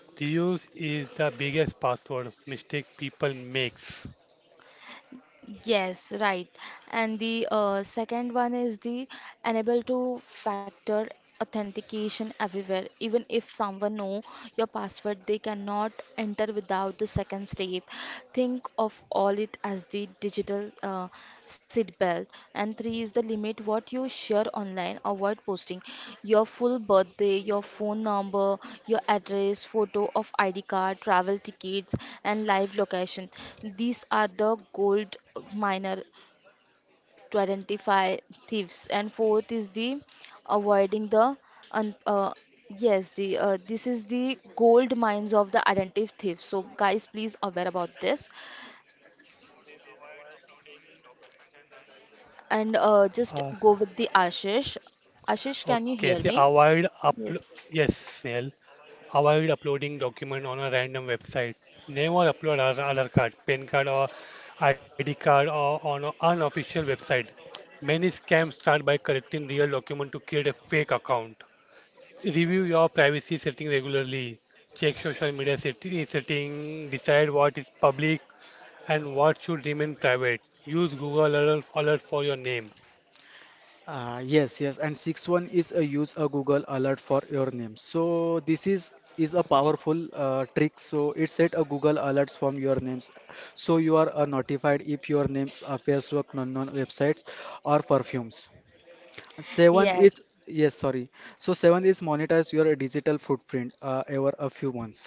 Reuse is the biggest password mistake people makes.
yes, right. And the second one is the enable to factor authentication everywhere. Even if someone know your password, they cannot enter without the second step. Think of all it as the digital seat belt. And three is the limit what you share online. Avoid posting your full birthday, your phone number, your address, photo of ID card, travel tickets, and live location. These are the gold miner to identify thieves. And fourth is the avoiding the un- uh, yes, the this is the gold mines of the identity thief. So guys, please aware about this, and just go
Uh,
with the Ashish. Ashish, can you
okay,
hear
so
me?
avoid upload.
Yes.
Yes, Snail. Avoid uploading document on a random website. Never upload our Aadhaar card, PAN card, or ID card or on an unofficial website. Many scams start by collecting real document to create a fake account. Review your privacy setting regularly. Check social media setting, decide what is public and what should remain private. Use Google alert for your name.
Yes, yes. And sixth one is use a Google alert for your name. So this is a powerful trick. So it set a Google alerts from your names, so you are notified if your names appears to unknown websites or perfumes. Seventh
Yes.
is, yes, sorry. So seventh is monetize your digital footprint over a few months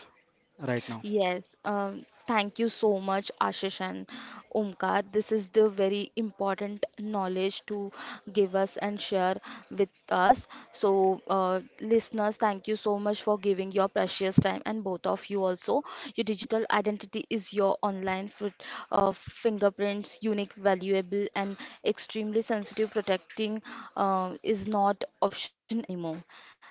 right now.
Yes, thank you so much, Ashish and Omkar. This is the very important knowledge to give us and share with us. So, listeners, thank you so much for giving your precious time, and both of you also. Your digital identity is your online fingerprints, unique, valuable, and extremely sensitive. Protecting is not option anymore.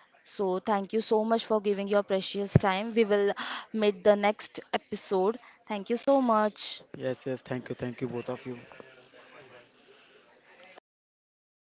So, thank you so much for giving your precious time. We will meet the next episode. Thank you so much.
Yes, yes. Thank you. Thank you, both of you. Thank you.